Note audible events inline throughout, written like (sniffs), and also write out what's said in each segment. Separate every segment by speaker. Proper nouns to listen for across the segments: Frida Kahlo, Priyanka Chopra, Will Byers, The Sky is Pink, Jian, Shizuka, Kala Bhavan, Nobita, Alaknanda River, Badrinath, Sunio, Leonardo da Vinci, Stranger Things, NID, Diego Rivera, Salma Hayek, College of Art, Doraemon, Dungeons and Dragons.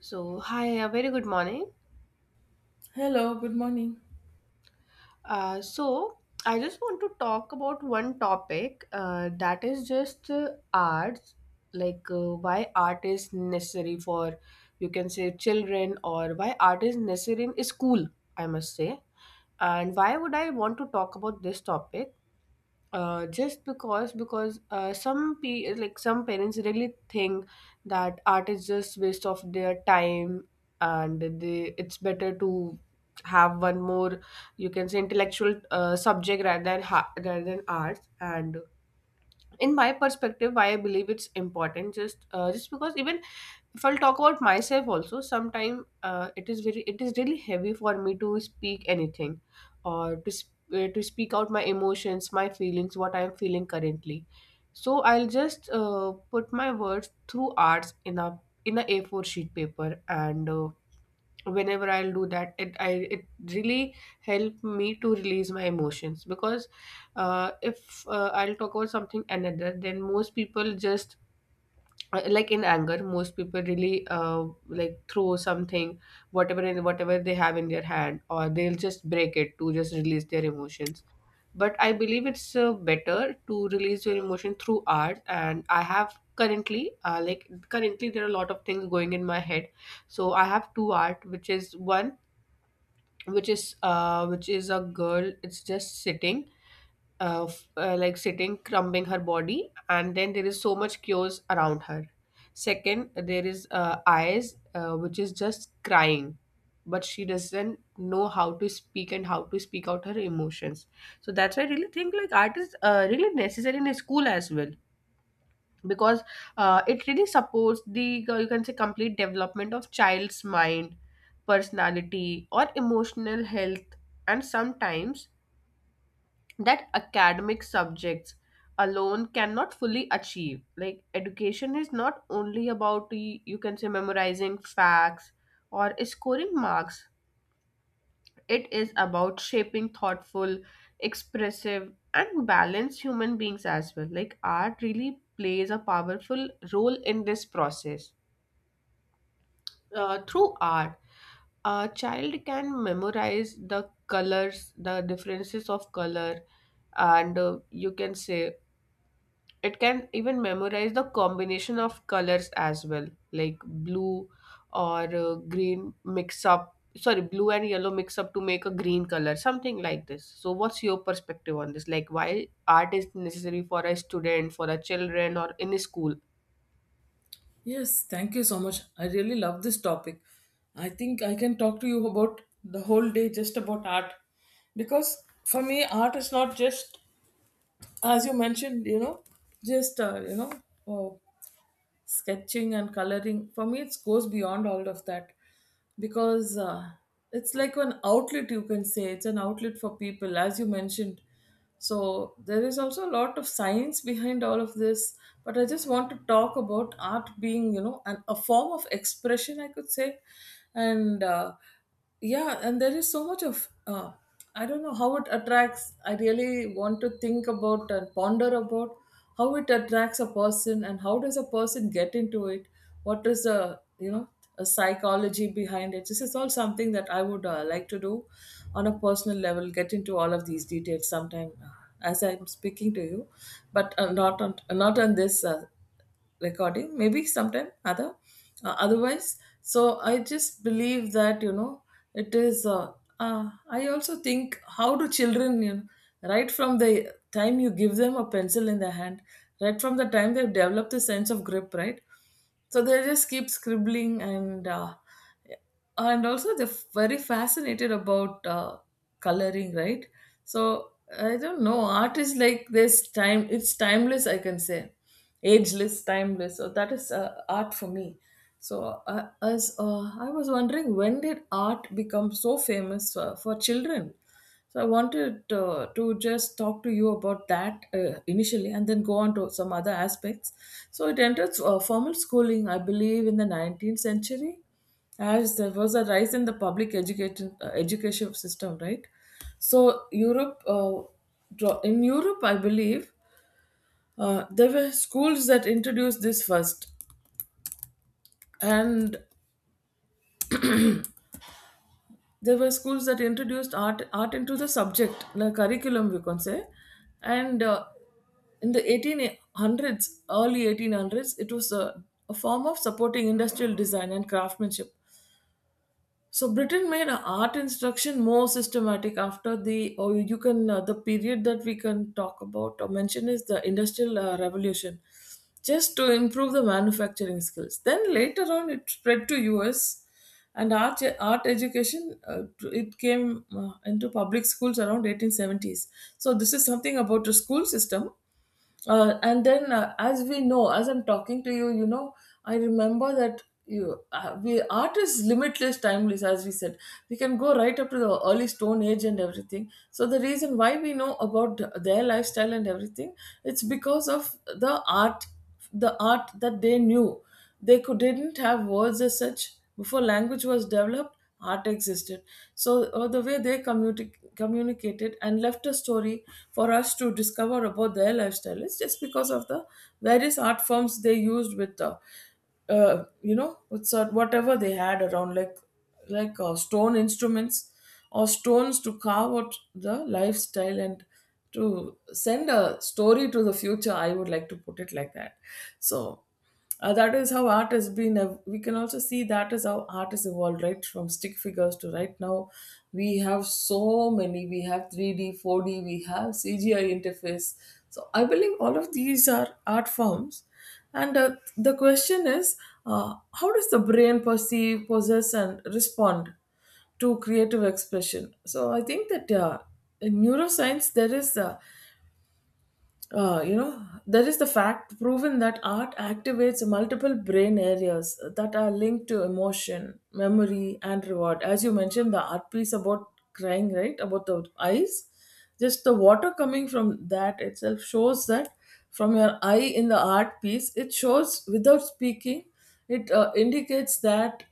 Speaker 1: So, hi, a very good morning.
Speaker 2: Hello, good morning.
Speaker 1: Uh, so, I just want to talk about one topic that is just arts, like why art is necessary for, you can say, children, or why art is necessary in school, I must say. And why would I want to talk about this topic? Just because like some parents really think that art is just waste of their time and they it's better to have one more, you can say, intellectual subject rather than rather than arts. And in my perspective, why I believe it's important, just because, even if I'll talk about myself also sometime, it is really heavy for me to speak anything or to, to speak out my emotions, my feelings, what I'm feeling currently. So I'll just put my words through arts in a a4 sheet paper. And whenever I'll do that, it really help me to release my emotions. Because if I'll talk about something another, then most people just, like in anger, most people really, like, throw something, whatever in whatever they have in their hand, or they'll just break it to just release their emotions. But I believe it's better to release your emotion through art. And I have currently, currently, there are a lot of things going in my head. So I have two art. Which is one which is uh, which is a girl, it's just sitting of like sitting, crumbing her body, and then there is so much chaos around her. Second, there is eyes, which is just crying, but she doesn't know how to speak and how to speak out her emotions. So that's why I really think like art is, really necessary in a school as well. Because it really supports the you can say complete development of child's mind, personality, or emotional health. And sometimes that academic subjects alone cannot fully achieve. Like education is not only about you can say memorizing facts or scoring marks, it is about shaping thoughtful, expressive, and balanced human beings as well. Like art really plays a powerful role in this process. Through art, a child can memorize the colors, the differences of color, and you can say it can even memorize the combination of colors as well. Like blue or, green mix up, sorry, blue and yellow mix up to make a green color, something like this. So what's your perspective on this, like why art is necessary for a student, for a children, or in a school?
Speaker 2: Yes, thank you so much. I really love this topic. I think I can talk to you about the whole day just about art because for me, art is not just, as you mentioned, just, uh, you know, uh, sketching and coloring. For me it goes beyond all of that because it's like an outlet, you can say. It's an outlet for people, as you mentioned, so there is also a lot of science behind all of this. But I just want to talk about art being, you know, an, a form of expression, I could say. And yeah, and there is so much of I don't know how it attracts. I really want to think about and ponder about how it attracts a person and how does a person get into it, what is the, you know, a psychology behind it. This is all something that I would like to do on a personal level, get into all of these details sometime, as I'm speaking to you. But not on not on this recording, maybe sometime other otherwise. So I just believe that, you know, it is I also think, how do children, you know, right from the time you give them a pencil in their hand, right from the time they've developed the sense of grip, right? So they just keep scribbling, and and also they're very fascinated about coloring, right? So I don't know, art is like, this time it's timeless, I can say. Ageless, timeless. So that is art for me. So as I was wondering, when did art become so famous for children? So I wanted to just talk to you about that initially, and then go on to some other aspects. So it entered formal schooling, I believe, in the 19th century, as there was a rise in the public education system, right? So in Europe, I believe there were schools that introduced this first, and there were schools that introduced art into the subject, the curriculum we can say. And In the 1800s, early 1800s, it was a form of supporting industrial design and craftsmanship. So Britain made art instruction more systematic after the period that we can talk about or mention is the Industrial Revolution, just to improve the manufacturing skills. Then later on, it spread to US, and art education it came into public schools around 1870s. So this is something about the school system, as we know, as I'm talking to you, you know, I remember that we art is limitless, timeless. As we said, we can go right up to the early Stone Age and everything. So the reason why we know about their lifestyle and everything, it's because of the art that they knew, they could didn't have words as such. Before language was developed, art existed. So the way they communicated and left a story for us to discover about their lifestyle is just because of the various art forms they used with you know, with sort whatever they had around, like like stone instruments or stones, to carve out the lifestyle and to send a story to the future, I would like to put it like that. So that is how art has been. We can also see that is how art has evolved, right? From stick figures to right now, we have so many. We have 3D, 4D, we have CGI interface. So I believe all of these are art forms. And The question is how does the brain perceive, possess, and respond to creative expression? So I think that in neuroscience, there is a you know, there is the fact proven that art activates multiple brain areas that are linked to emotion, memory, and reward. As you mentioned, the art piece about crying, right? About the eyes, just the water coming from that itself shows that from your eye in the art piece, it shows without speaking, it indicates that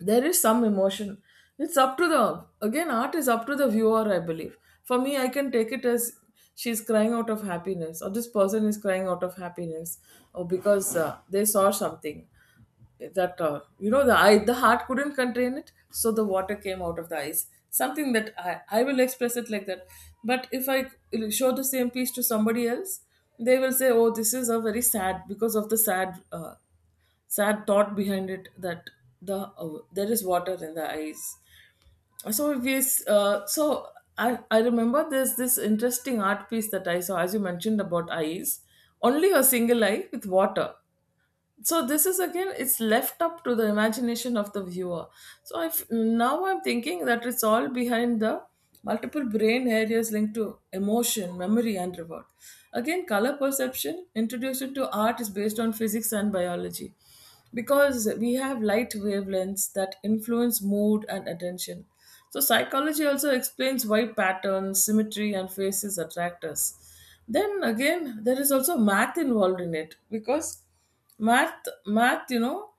Speaker 2: there is some emotion. It's up to the, again, art is up to the viewer, I believe. For me, I can take it as she's crying out of happiness, or this person is crying out of happiness, or because they saw something that, you know, the eye, the heart couldn't contain it, so the water came out of the eyes. Something that I will express it like that. But if I show the same piece to somebody else, they will say, oh, this is a very sad, because of the sad thought behind it, that there is water in the eyes. So we so I remember there's this interesting art piece that I saw, as you mentioned, about eyes, only a single eye with water. So this is, again, it's left up to the imagination of the viewer. So I, now I'm thinking that it's all behind the multiple brain areas linked to emotion, memory, and reward. Again, color perception introduced into art is based on physics and biology, because we have light wavelengths that influence mood and attention. So, psychology also explains why patterns, symmetry, and faces attract us. Then again, there is also math involved in it, because math, you know,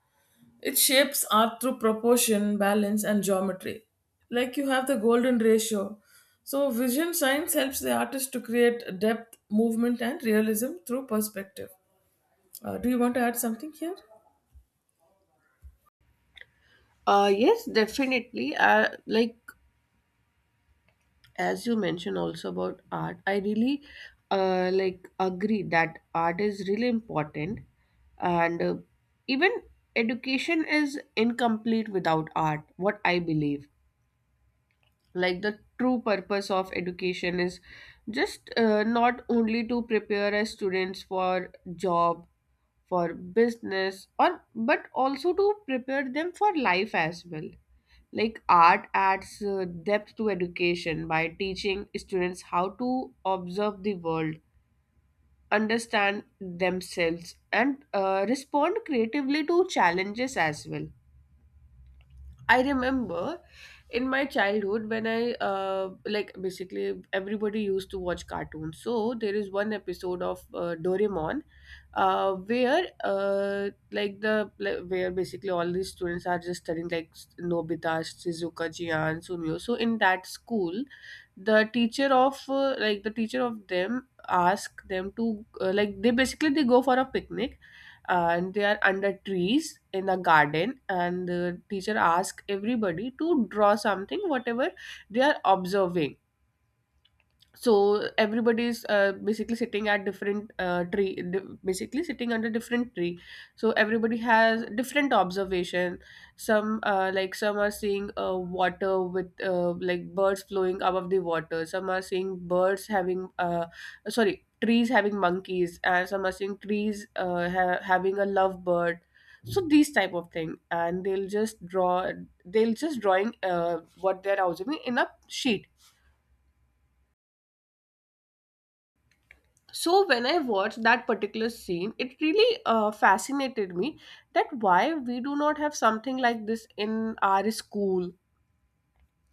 Speaker 2: it shapes art through proportion, balance, and geometry. Like you have the golden ratio. So, vision science helps the artist to create depth, movement, and realism through perspective. Do you want to add something here?
Speaker 1: yes, definitely. As you mentioned also about art, I really, agree that art is really important. And even education is incomplete without art, what I believe. Like the true purpose of education is just not only to prepare as students for job, for business, or but also to prepare them for life as well. Like art adds depth to education by teaching students how to observe the world, understand themselves, and respond creatively to challenges as well. I remember in my childhood when I like basically everybody used to watch cartoons. So there is one episode of Doraemon, where basically all these students are just studying, like Nobita, Shizuka, Jian, Sunio. So in that school, the teacher of them ask them to, they basically they go for a picnic, and they are under trees in a garden, and the teacher ask everybody to draw something whatever they are observing. So everybody is, basically sitting at different, basically sitting under different tree, so everybody has different observation. Some, some are seeing, water with, like, birds flowing above the water, some are seeing birds having, sorry, trees having monkeys, and some are seeing trees, having a lovebird. So these type of thing, and they'll just draw, they'll just drawing what they're observing in a sheet. So when I watched that particular scene, it really fascinated me, that why we do not have something like this in our school,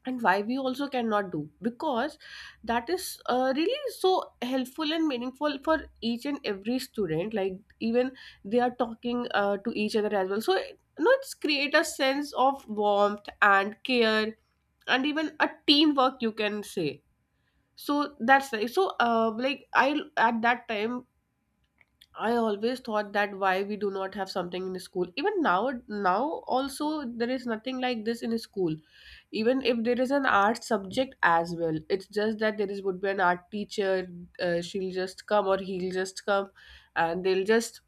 Speaker 1: and why we also cannot do. Because that is really so helpful and meaningful for each and every student. Like, even they are talking to each other as well, so you know, it's create a sense of warmth and care, and even a teamwork, you can say. So that's right. So, I, at that time, I always thought that why we do not have something in school. Even now, now also, there is nothing like this in school. Even if there is an art subject as well, it's just that there is would be an art teacher. She'll just come or he'll just come, and they'll just,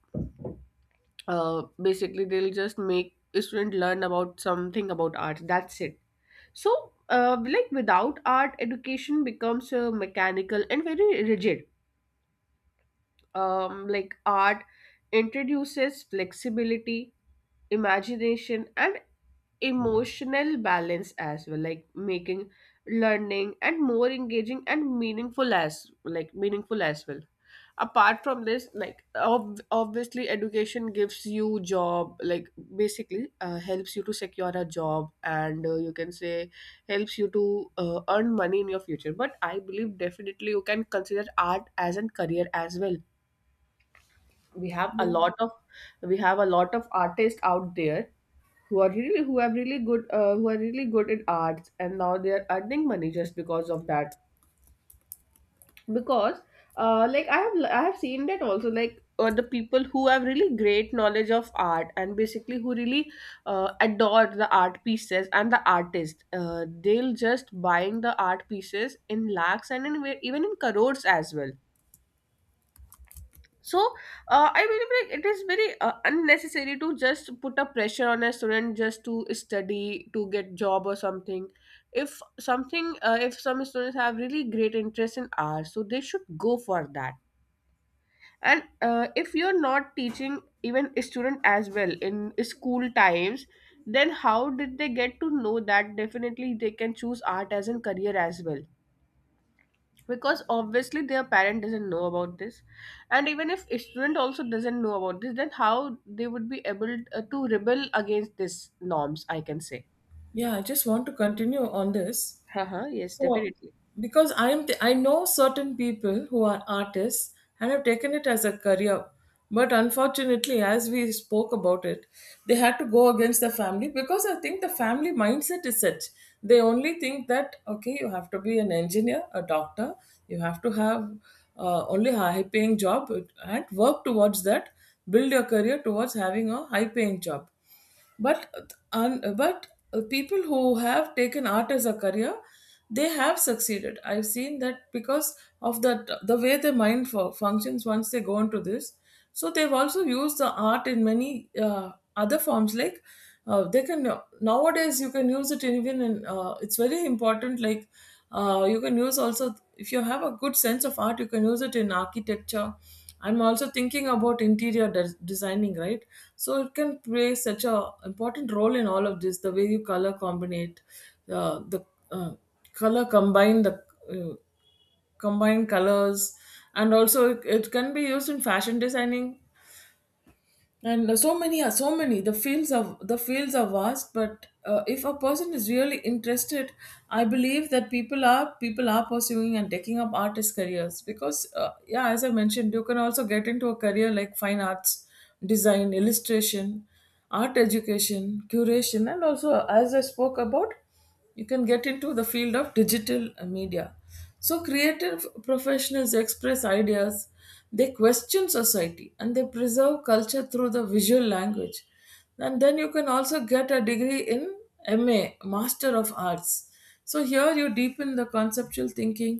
Speaker 1: basically they'll just make a student learn about something about art. That's it. So, without art, education becomes mechanical and very rigid. Like art introduces flexibility, imagination, and emotional balance as well, like making learning and more engaging and meaningful as, like, meaningful as well. Apart from this, like, obviously education gives you job, like basically helps you to secure a job, and you can say helps you to earn money in your future. But I believe, definitely, you can consider art as a career as well. We have a
Speaker 2: Yeah.
Speaker 1: lot of we have a lot of artists out there, who have really good, who are really good in arts, and now they are earning money just because of that. Because I have seen that also, like, the people who have really great knowledge of art, and basically who really adore the art pieces and the artist, they'll just buying the art pieces in lakhs and in, even in crores as well. So I believe, like, it is very unnecessary to just put a pressure on a student just to study to get job or something. If some students have really great interest in art, so they should go for that. And if you're not teaching even a student as well in school times, then how did they get to know that definitely they can choose art as a career as well. Because obviously their parent doesn't know about this, and even if a student also doesn't know about this, then how they would be able to rebel against these norms, I can say.
Speaker 2: Yeah, I just want to continue on this.
Speaker 1: (laughs) haha yes,
Speaker 2: So,
Speaker 1: definitely.
Speaker 2: because I know certain people who are artists and have taken it as a career, but unfortunately, as we spoke about it, they had to go against the family, because I think the family mindset is such. They only think that okay, you have to be an engineer, a doctor, you have to have only a high-paying job and work towards that, build your career towards having a high-paying job. But people who have taken art as a career, they have succeeded, I've seen that. Because of that, the way their mind functions once they go into this, so they've also used the art in many other forms. Like they can, nowadays you can use it even in, it's very important, like you can use, also, if you have a good sense of art, you can use it in architecture. I'm also thinking about interior designing, right? So it can play such a important role in all of this, the way you color combinate the uh, color combine the uh, combine colors. And also it can be used in fashion designing. And so many are so many, the fields are vast. But if a person is really interested, I believe that people are pursuing and taking up artist careers, because yeah, as I mentioned, you can also get into a career like fine arts, design, illustration, art education, curation, and also, as I spoke about, you can get into the field of digital media. So creative professionals express ideas, they question society, and they preserve culture through the visual language. And then you can also get a degree in ma master of arts. So here you deepen the conceptual thinking,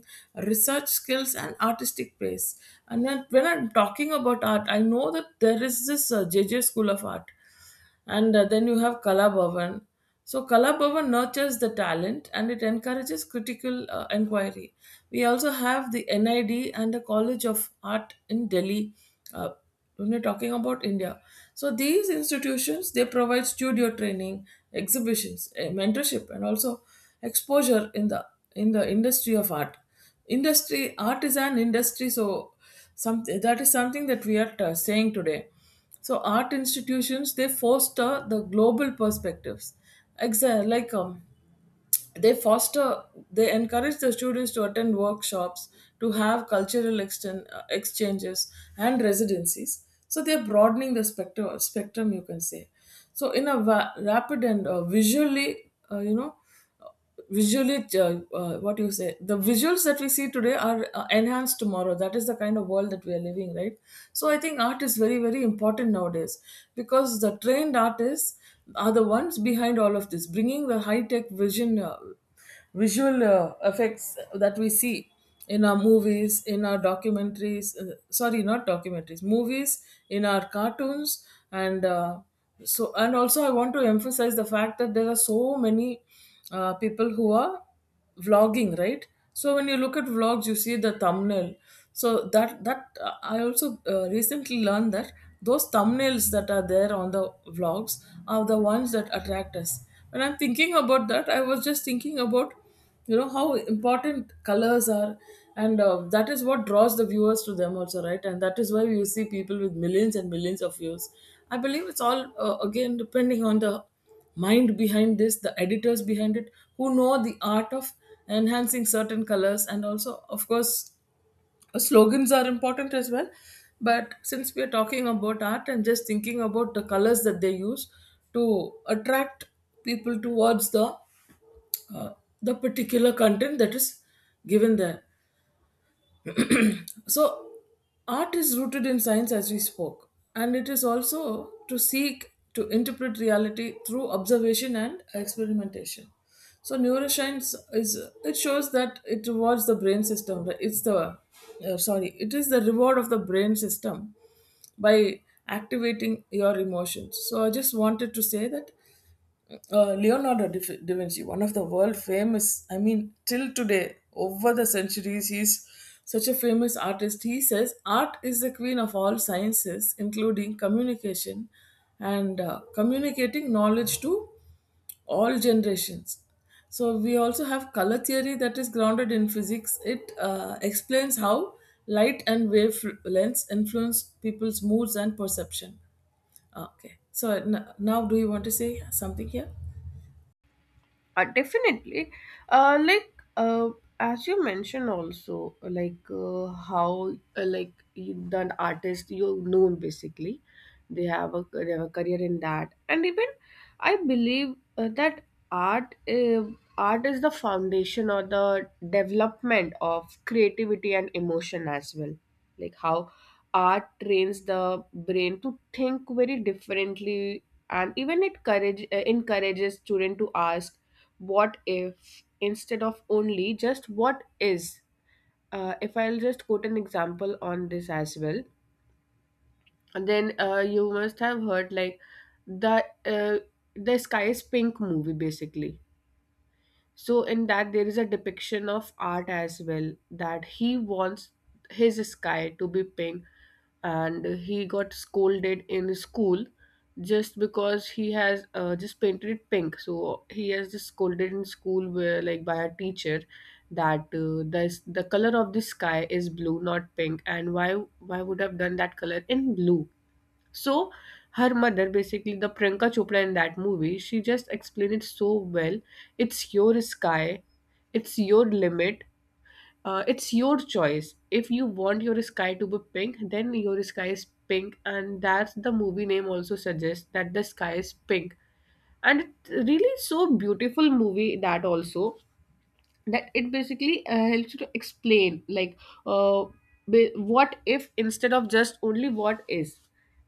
Speaker 2: research skills, and artistic pace. And then, when I'm talking about art, I know that there is this JJ School of Art, and then you have Kala Bhavan. So Kala Bhavan nurtures the talent and it encourages critical inquiry. We also have the NID and the College of Art in Delhi. Uh, when you're talking about India, so these institutions, they provide studio training, exhibitions, eh, mentorship, and also exposure in the industry of art. Industry, art is an industry, so some, that is something that we are saying today. So art institutions, they foster the global perspectives. Exa- like um, they foster they encourage the students to attend workshops to have cultural exchanges and residencies, so they're broadening the spectrum, you can say. So in a rapid and visually visually, what you say, the visuals that we see today are enhanced tomorrow. That is the kind of world that we are living, right? So I think art is very very important nowadays, because the trained artists are the ones behind all of this, bringing the high tech vision visual effects that we see in our movies, in our documentaries sorry, not documentaries, movies, in our cartoons and so. And also I want to emphasize the fact that there are so many people who are vlogging, right? So when you look at vlogs, you see the thumbnail. So that that I also recently learned that those thumbnails that are there on the vlogs are the ones that attract us. When I'm thinking about that, I was just thinking about, you know, how important colors are. And that is what draws the viewers to them also, right? And that is why we see people with millions and millions of views. I believe it's all, again, depending on the mind behind this, the editors behind it, who know the art of enhancing certain colors, and also, of course, slogans are important as well. But since we are talking about art and just thinking about the colors that they use to attract people towards uh, the particular content that is given there. So, art is rooted in science, as we spoke, and it is also to seek to interpret reality through observation and experimentation. So, neuroscience, is it shows that it rewards the brain system, right? It's the sorry, it is the reward of the brain system by activating your emotions. So, I just wanted to say that, Leonardo da Vinci, one of the world famous, I mean, till today, over the centuries, he's such a famous artist. He says, art is the queen of all sciences, including communication and communicating knowledge to all generations. So, we also have color theory that is grounded in physics. It explains how light and wave lengths influence people's moods and perception. Okay, so now do you want to say something here?
Speaker 1: Definitely. Uh, like uh, as you mentioned also, like how like you, the artist, you know, basically, they have a career in that. And even I believe that art uh, art is the foundation or the development of creativity and emotion as well. Like how art trains the brain to think very differently, and even it courage encourages student to ask what if, instead of only just what is. If I'll just quote an example on this as well, then you must have heard like the uh, the sky is pink movie, basically. So in that, there is a depiction of art as well, that he wants his sky to be pink, and he got scolded in school just because he has just painted it pink. So he has just scolded in school, where like by a teacher, that this the color of the sky is blue, not pink, and why would have done that color in blue. So her mother, basically the Priyanka Chopra in that movie, she just explained it so well. It's your sky, it's your limit, it's your choice. If you want your sky to be pink, then your sky is pink, and that's the movie name also suggests that the sky is pink. And it's really so beautiful movie that also, that it basically helps you to explain like, uh, what if, instead of just only what is.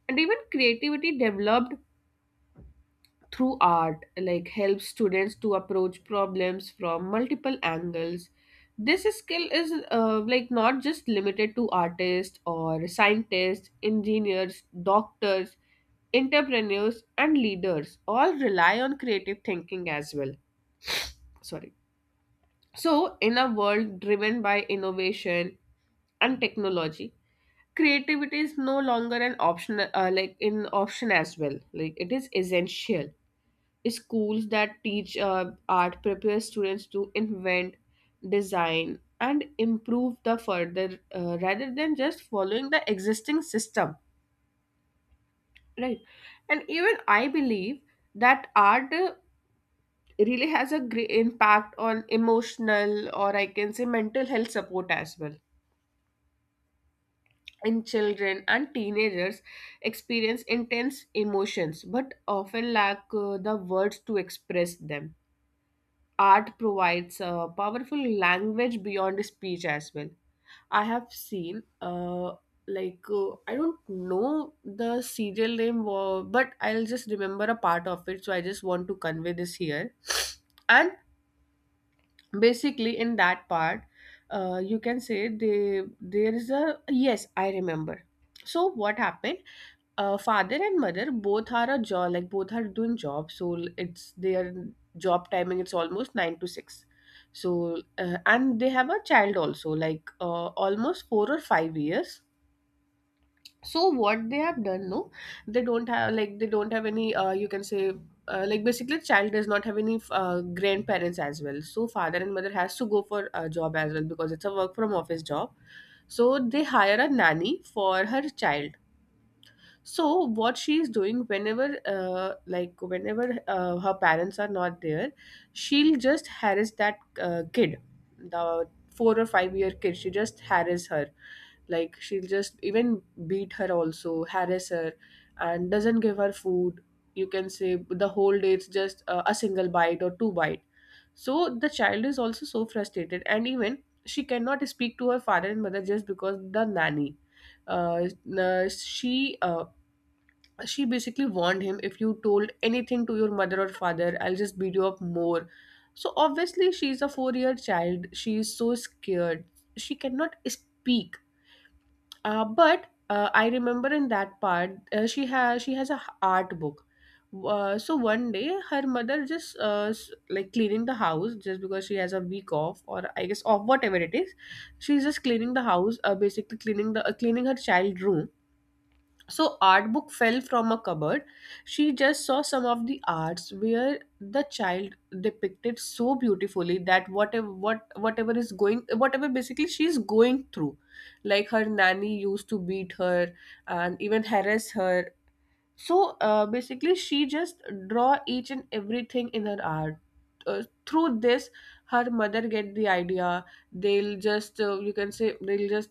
Speaker 1: And even creativity developed through art, like, helps students to approach problems from multiple angles. This skill is, not just limited to artists, or scientists, engineers, doctors, entrepreneurs, and leaders all rely on creative thinking as well. Sorry. So, in a world driven by innovation and technology, creativity is no longer an option, as well. Like it is essential. Schools that teach art prepare students to invent, design, and improve the further, rather than just following the existing system, right? And even I believe that art really has a great impact on emotional, or I can say mental health support as well, and children and teenagers experience intense emotions but often lack the words to express them. Art provides a powerful language beyond speech as well. I have seen, I don't know the serial name, but I'll just remember a part of it. So I just want to convey this here. (sniffs) And basically in that part, you can say they there is a, yes, I remember. So what happened, father and mother both are a job, like both are doing job, so it's their job timing, it's almost 9 to 6. So and they have a child also, like almost 4 or 5 years. So what they have done? No, they don't have, like they don't have any, you can say, like basically child does not have any grandparents as well, so father and mother has to go for a job as well because it's a work from office job. So they hire a nanny for her child. So what she's doing, whenever like, whenever her parents are not there, she'll just harass that kid, the 4 or 5 year kid. She just harass her, like she'll just even beat her, also harass her, and doesn't give her food. You can say the whole day it's just a single bite or two bite. So the child is also so frustrated, and even she cannot speak to her father and mother just because the nanny, uh, n- she uh, she basically warned him, if you told anything to your mother or father, I'll just beat you up more. So obviously she's a 4 year child, she is so scared, she cannot speak. But I remember in that part, she has a art book. Uh, so one day her mother just S like cleaning the house, just because she has a week off, or I guess off, whatever it is, she's just cleaning the house, basically cleaning the, cleaning her child room. So art book fell from a cupboard. She just saw some of the arts where the child depicted so beautifully that whatever basically she is going through. Like her nanny used to beat her and even harass her. So basically she just draw each and everything in her art. Through this, her mother get the idea. They'll just, you can say, they'll just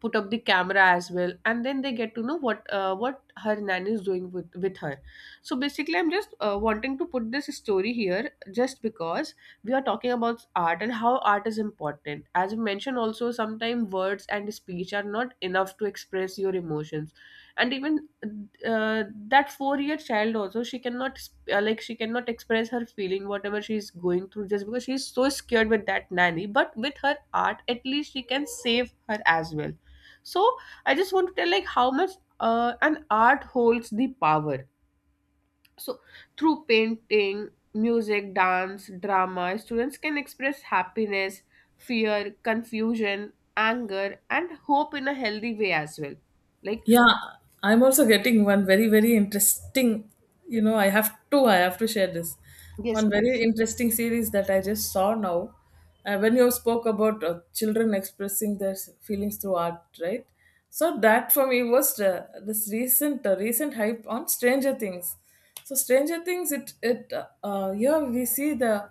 Speaker 1: put up the camera as well, and then they get to know what, what her nanny is doing with her. So basically I'm just wanting to put this story here, just because we are talking about art and how art is important. As you mentioned also, sometimes words and speech are not enough to express your emotions. And even, that 4 year child also, she cannot she cannot express her feeling, whatever she's going through, just because she's so scared with that nanny. But with her art, at least she can save her as well. So I just want to tell like how much an art holds the power. So through painting, music, dance, drama, students can express happiness, fear, confusion, anger, and hope in a healthy way as well. Like,
Speaker 2: Yeah, I'm also getting one very, very interesting. You know, I have two, I have to share this.
Speaker 1: yes
Speaker 2: One
Speaker 1: please.
Speaker 2: very interesting series that I just saw now. When you spoke about children expressing their feelings through art, right? So that for me was this recent, recent hype on Stranger Things. So Stranger Things, it here we see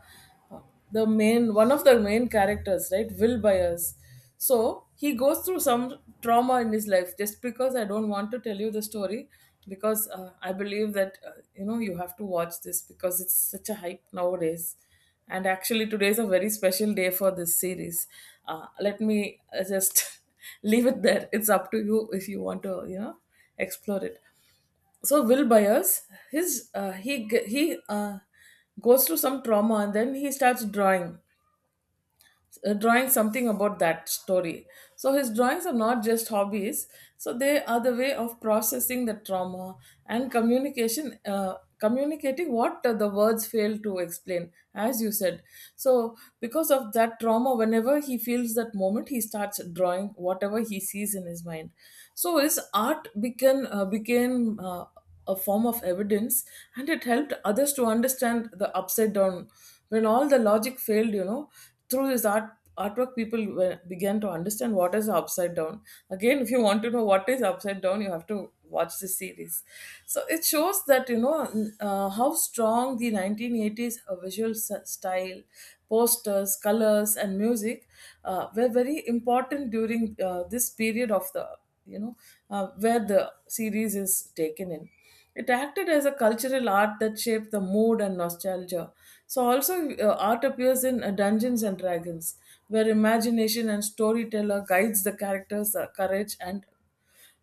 Speaker 2: the main one of the main characters, right, Will Byers. So he goes through some trauma in his life. Just because I don't want to tell you the story, because I believe that, you know, you have to watch this because it's such a hype nowadays. And actually, today is a very special day for this series. Let me, just (laughs) leave it there. It's up to you if you want to, you know, explore it. So Will Byers, his he g- he goes through some trauma and then he starts drawing, drawing something about that story. So his drawings are not just hobbies, so they are the way of processing the trauma and communication. Communicating what the words fail to explain, as you said. So because of that trauma, whenever he feels that moment, he starts drawing whatever he sees in his mind. So his art became a form of evidence, and it helped others to understand the upside down, when all the logic failed, you know. Through his art, artwork, people were, began to understand what is upside down. Again, if you want to know what is upside down, you have to watch the series. So it shows that, you know, how strong the 1980s visual style, posters, colors and music were very important during, this period of the, you know, where the series is taken in. It acted as a cultural art that shaped the mood and nostalgia. So, also, art appears in, Dungeons and Dragons, where imagination and storyteller guides the characters' courage and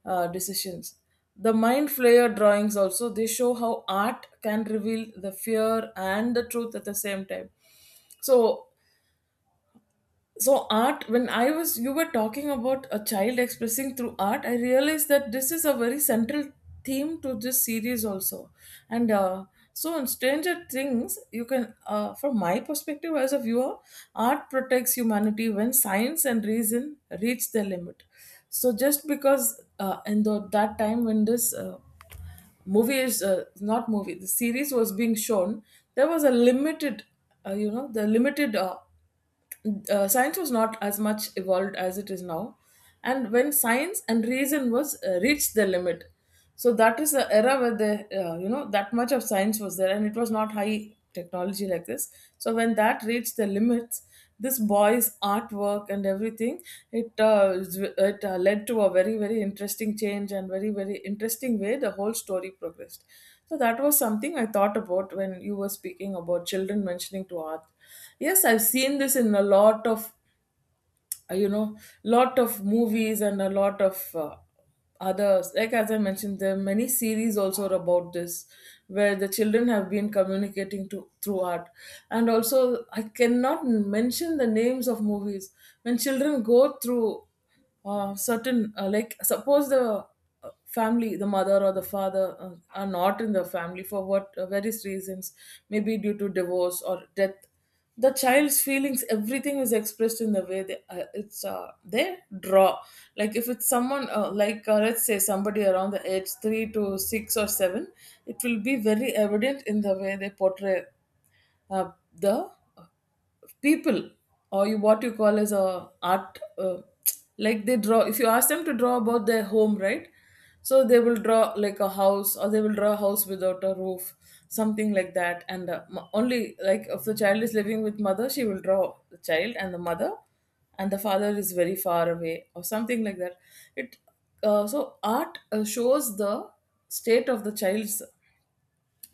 Speaker 2: decisions. The mind flayer drawings also, they show how art can reveal the fear and the truth at the same time. So art, when I was, you were talking about a child expressing through art, I realized that this is a very central theme to this series also. And so in Stranger Things, you can, from my perspective as a viewer, art protects humanity when science and reason reach their limit. So just because, in the, that time when this, movies not movie, the series was being shown, there was a limited you know, the limited, science was not as much evolved as it is now. And when science and reason was reached the limit, so that is the era where the you know, that much of science was there, and it was not high technology like this. So when that reached the limits, this boy's artwork and everything, it is- it led to a very very interesting change and very very interesting way the whole story progressed. So that was something I thought about when you were speaking about children mentioning to art. Yes, I've seen this in a lot of uh, you know lot of movies and a lot of others. Like as I mentioned, there are many series also about this, where the children have been communicating to through art. And also, I cannot mention the names of movies, when children go through certain, like suppose the family, the mother or the father are not in the family for what, various reasons, maybe due to divorce or death. The child's feelings, everything is expressed in the way they, it's they draw. Like if it's someone, let's say somebody around the age 3 to 6 or 7, it will be very evident in the way they portray uh, the people, or you, what you call as a art, like they draw. If you ask them to draw about their home, right, so they will draw like a house, or they will draw a house without a roof, something like that. And only like if the child is living with mother, she will draw the child and the mother, and the father is very far away or something like that. It So art, shows the state of the child's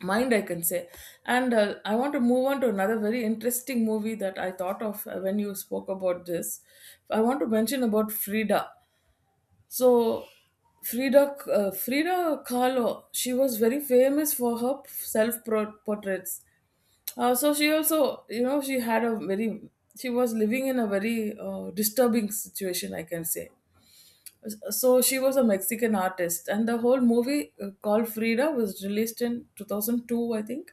Speaker 2: mind, I can say. And I want to move on to another very interesting movie that I thought of, when you spoke about this. I want to mention about Frida. So Frida, Frida Kahlo, she was very famous for her self portraits. So she also, you know, she had a very, she was living in a very disturbing situation, I can say. So she was a Mexican artist, and the whole movie, called Frida, was released in 2002, I think.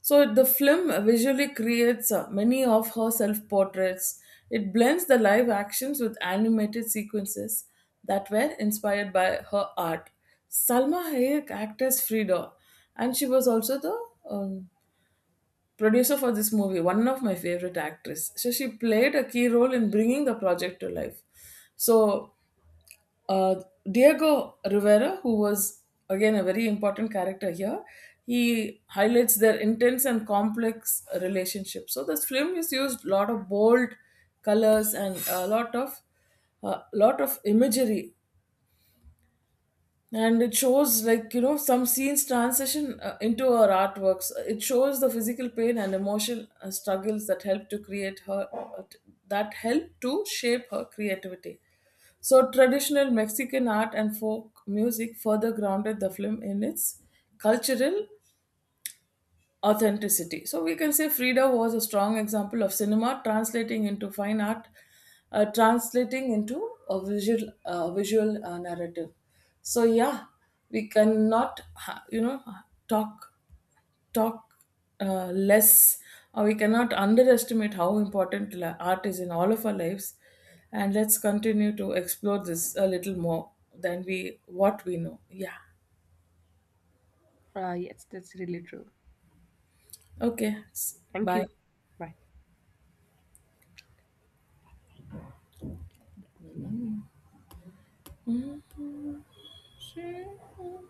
Speaker 2: So the film visually creates many of her self-portraits. It blends the live actions with animated sequences that were inspired by her art. Salma Hayek acted as Frida, and she was also the producer for this movie. One of my favorite actress. So she played a key role in bringing the project to life. So uh, Diego Rivera, who was again a very important character here, he highlights their intense and complex relationship. So this film is used a lot of bold colors, and a lot of, a lot of imagery, and it shows, like, you know, some scenes transition into her artworks. It shows the physical pain and emotional struggles that help to create her, that help to shape her creativity. So traditional Mexican art and folk music further grounded the film in its cultural authenticity. So we can say Frida was a strong example of cinema translating into fine art, translating into a visual narrative. So yeah, we cannot talk talk less, or we cannot underestimate how important art is in all of our lives. And let's continue to explore this a little more than we what we know. Yeah.
Speaker 1: Yes, that's really true.
Speaker 2: Okay,
Speaker 1: Thank
Speaker 2: bye.
Speaker 1: you. Bye.
Speaker 2: Sure.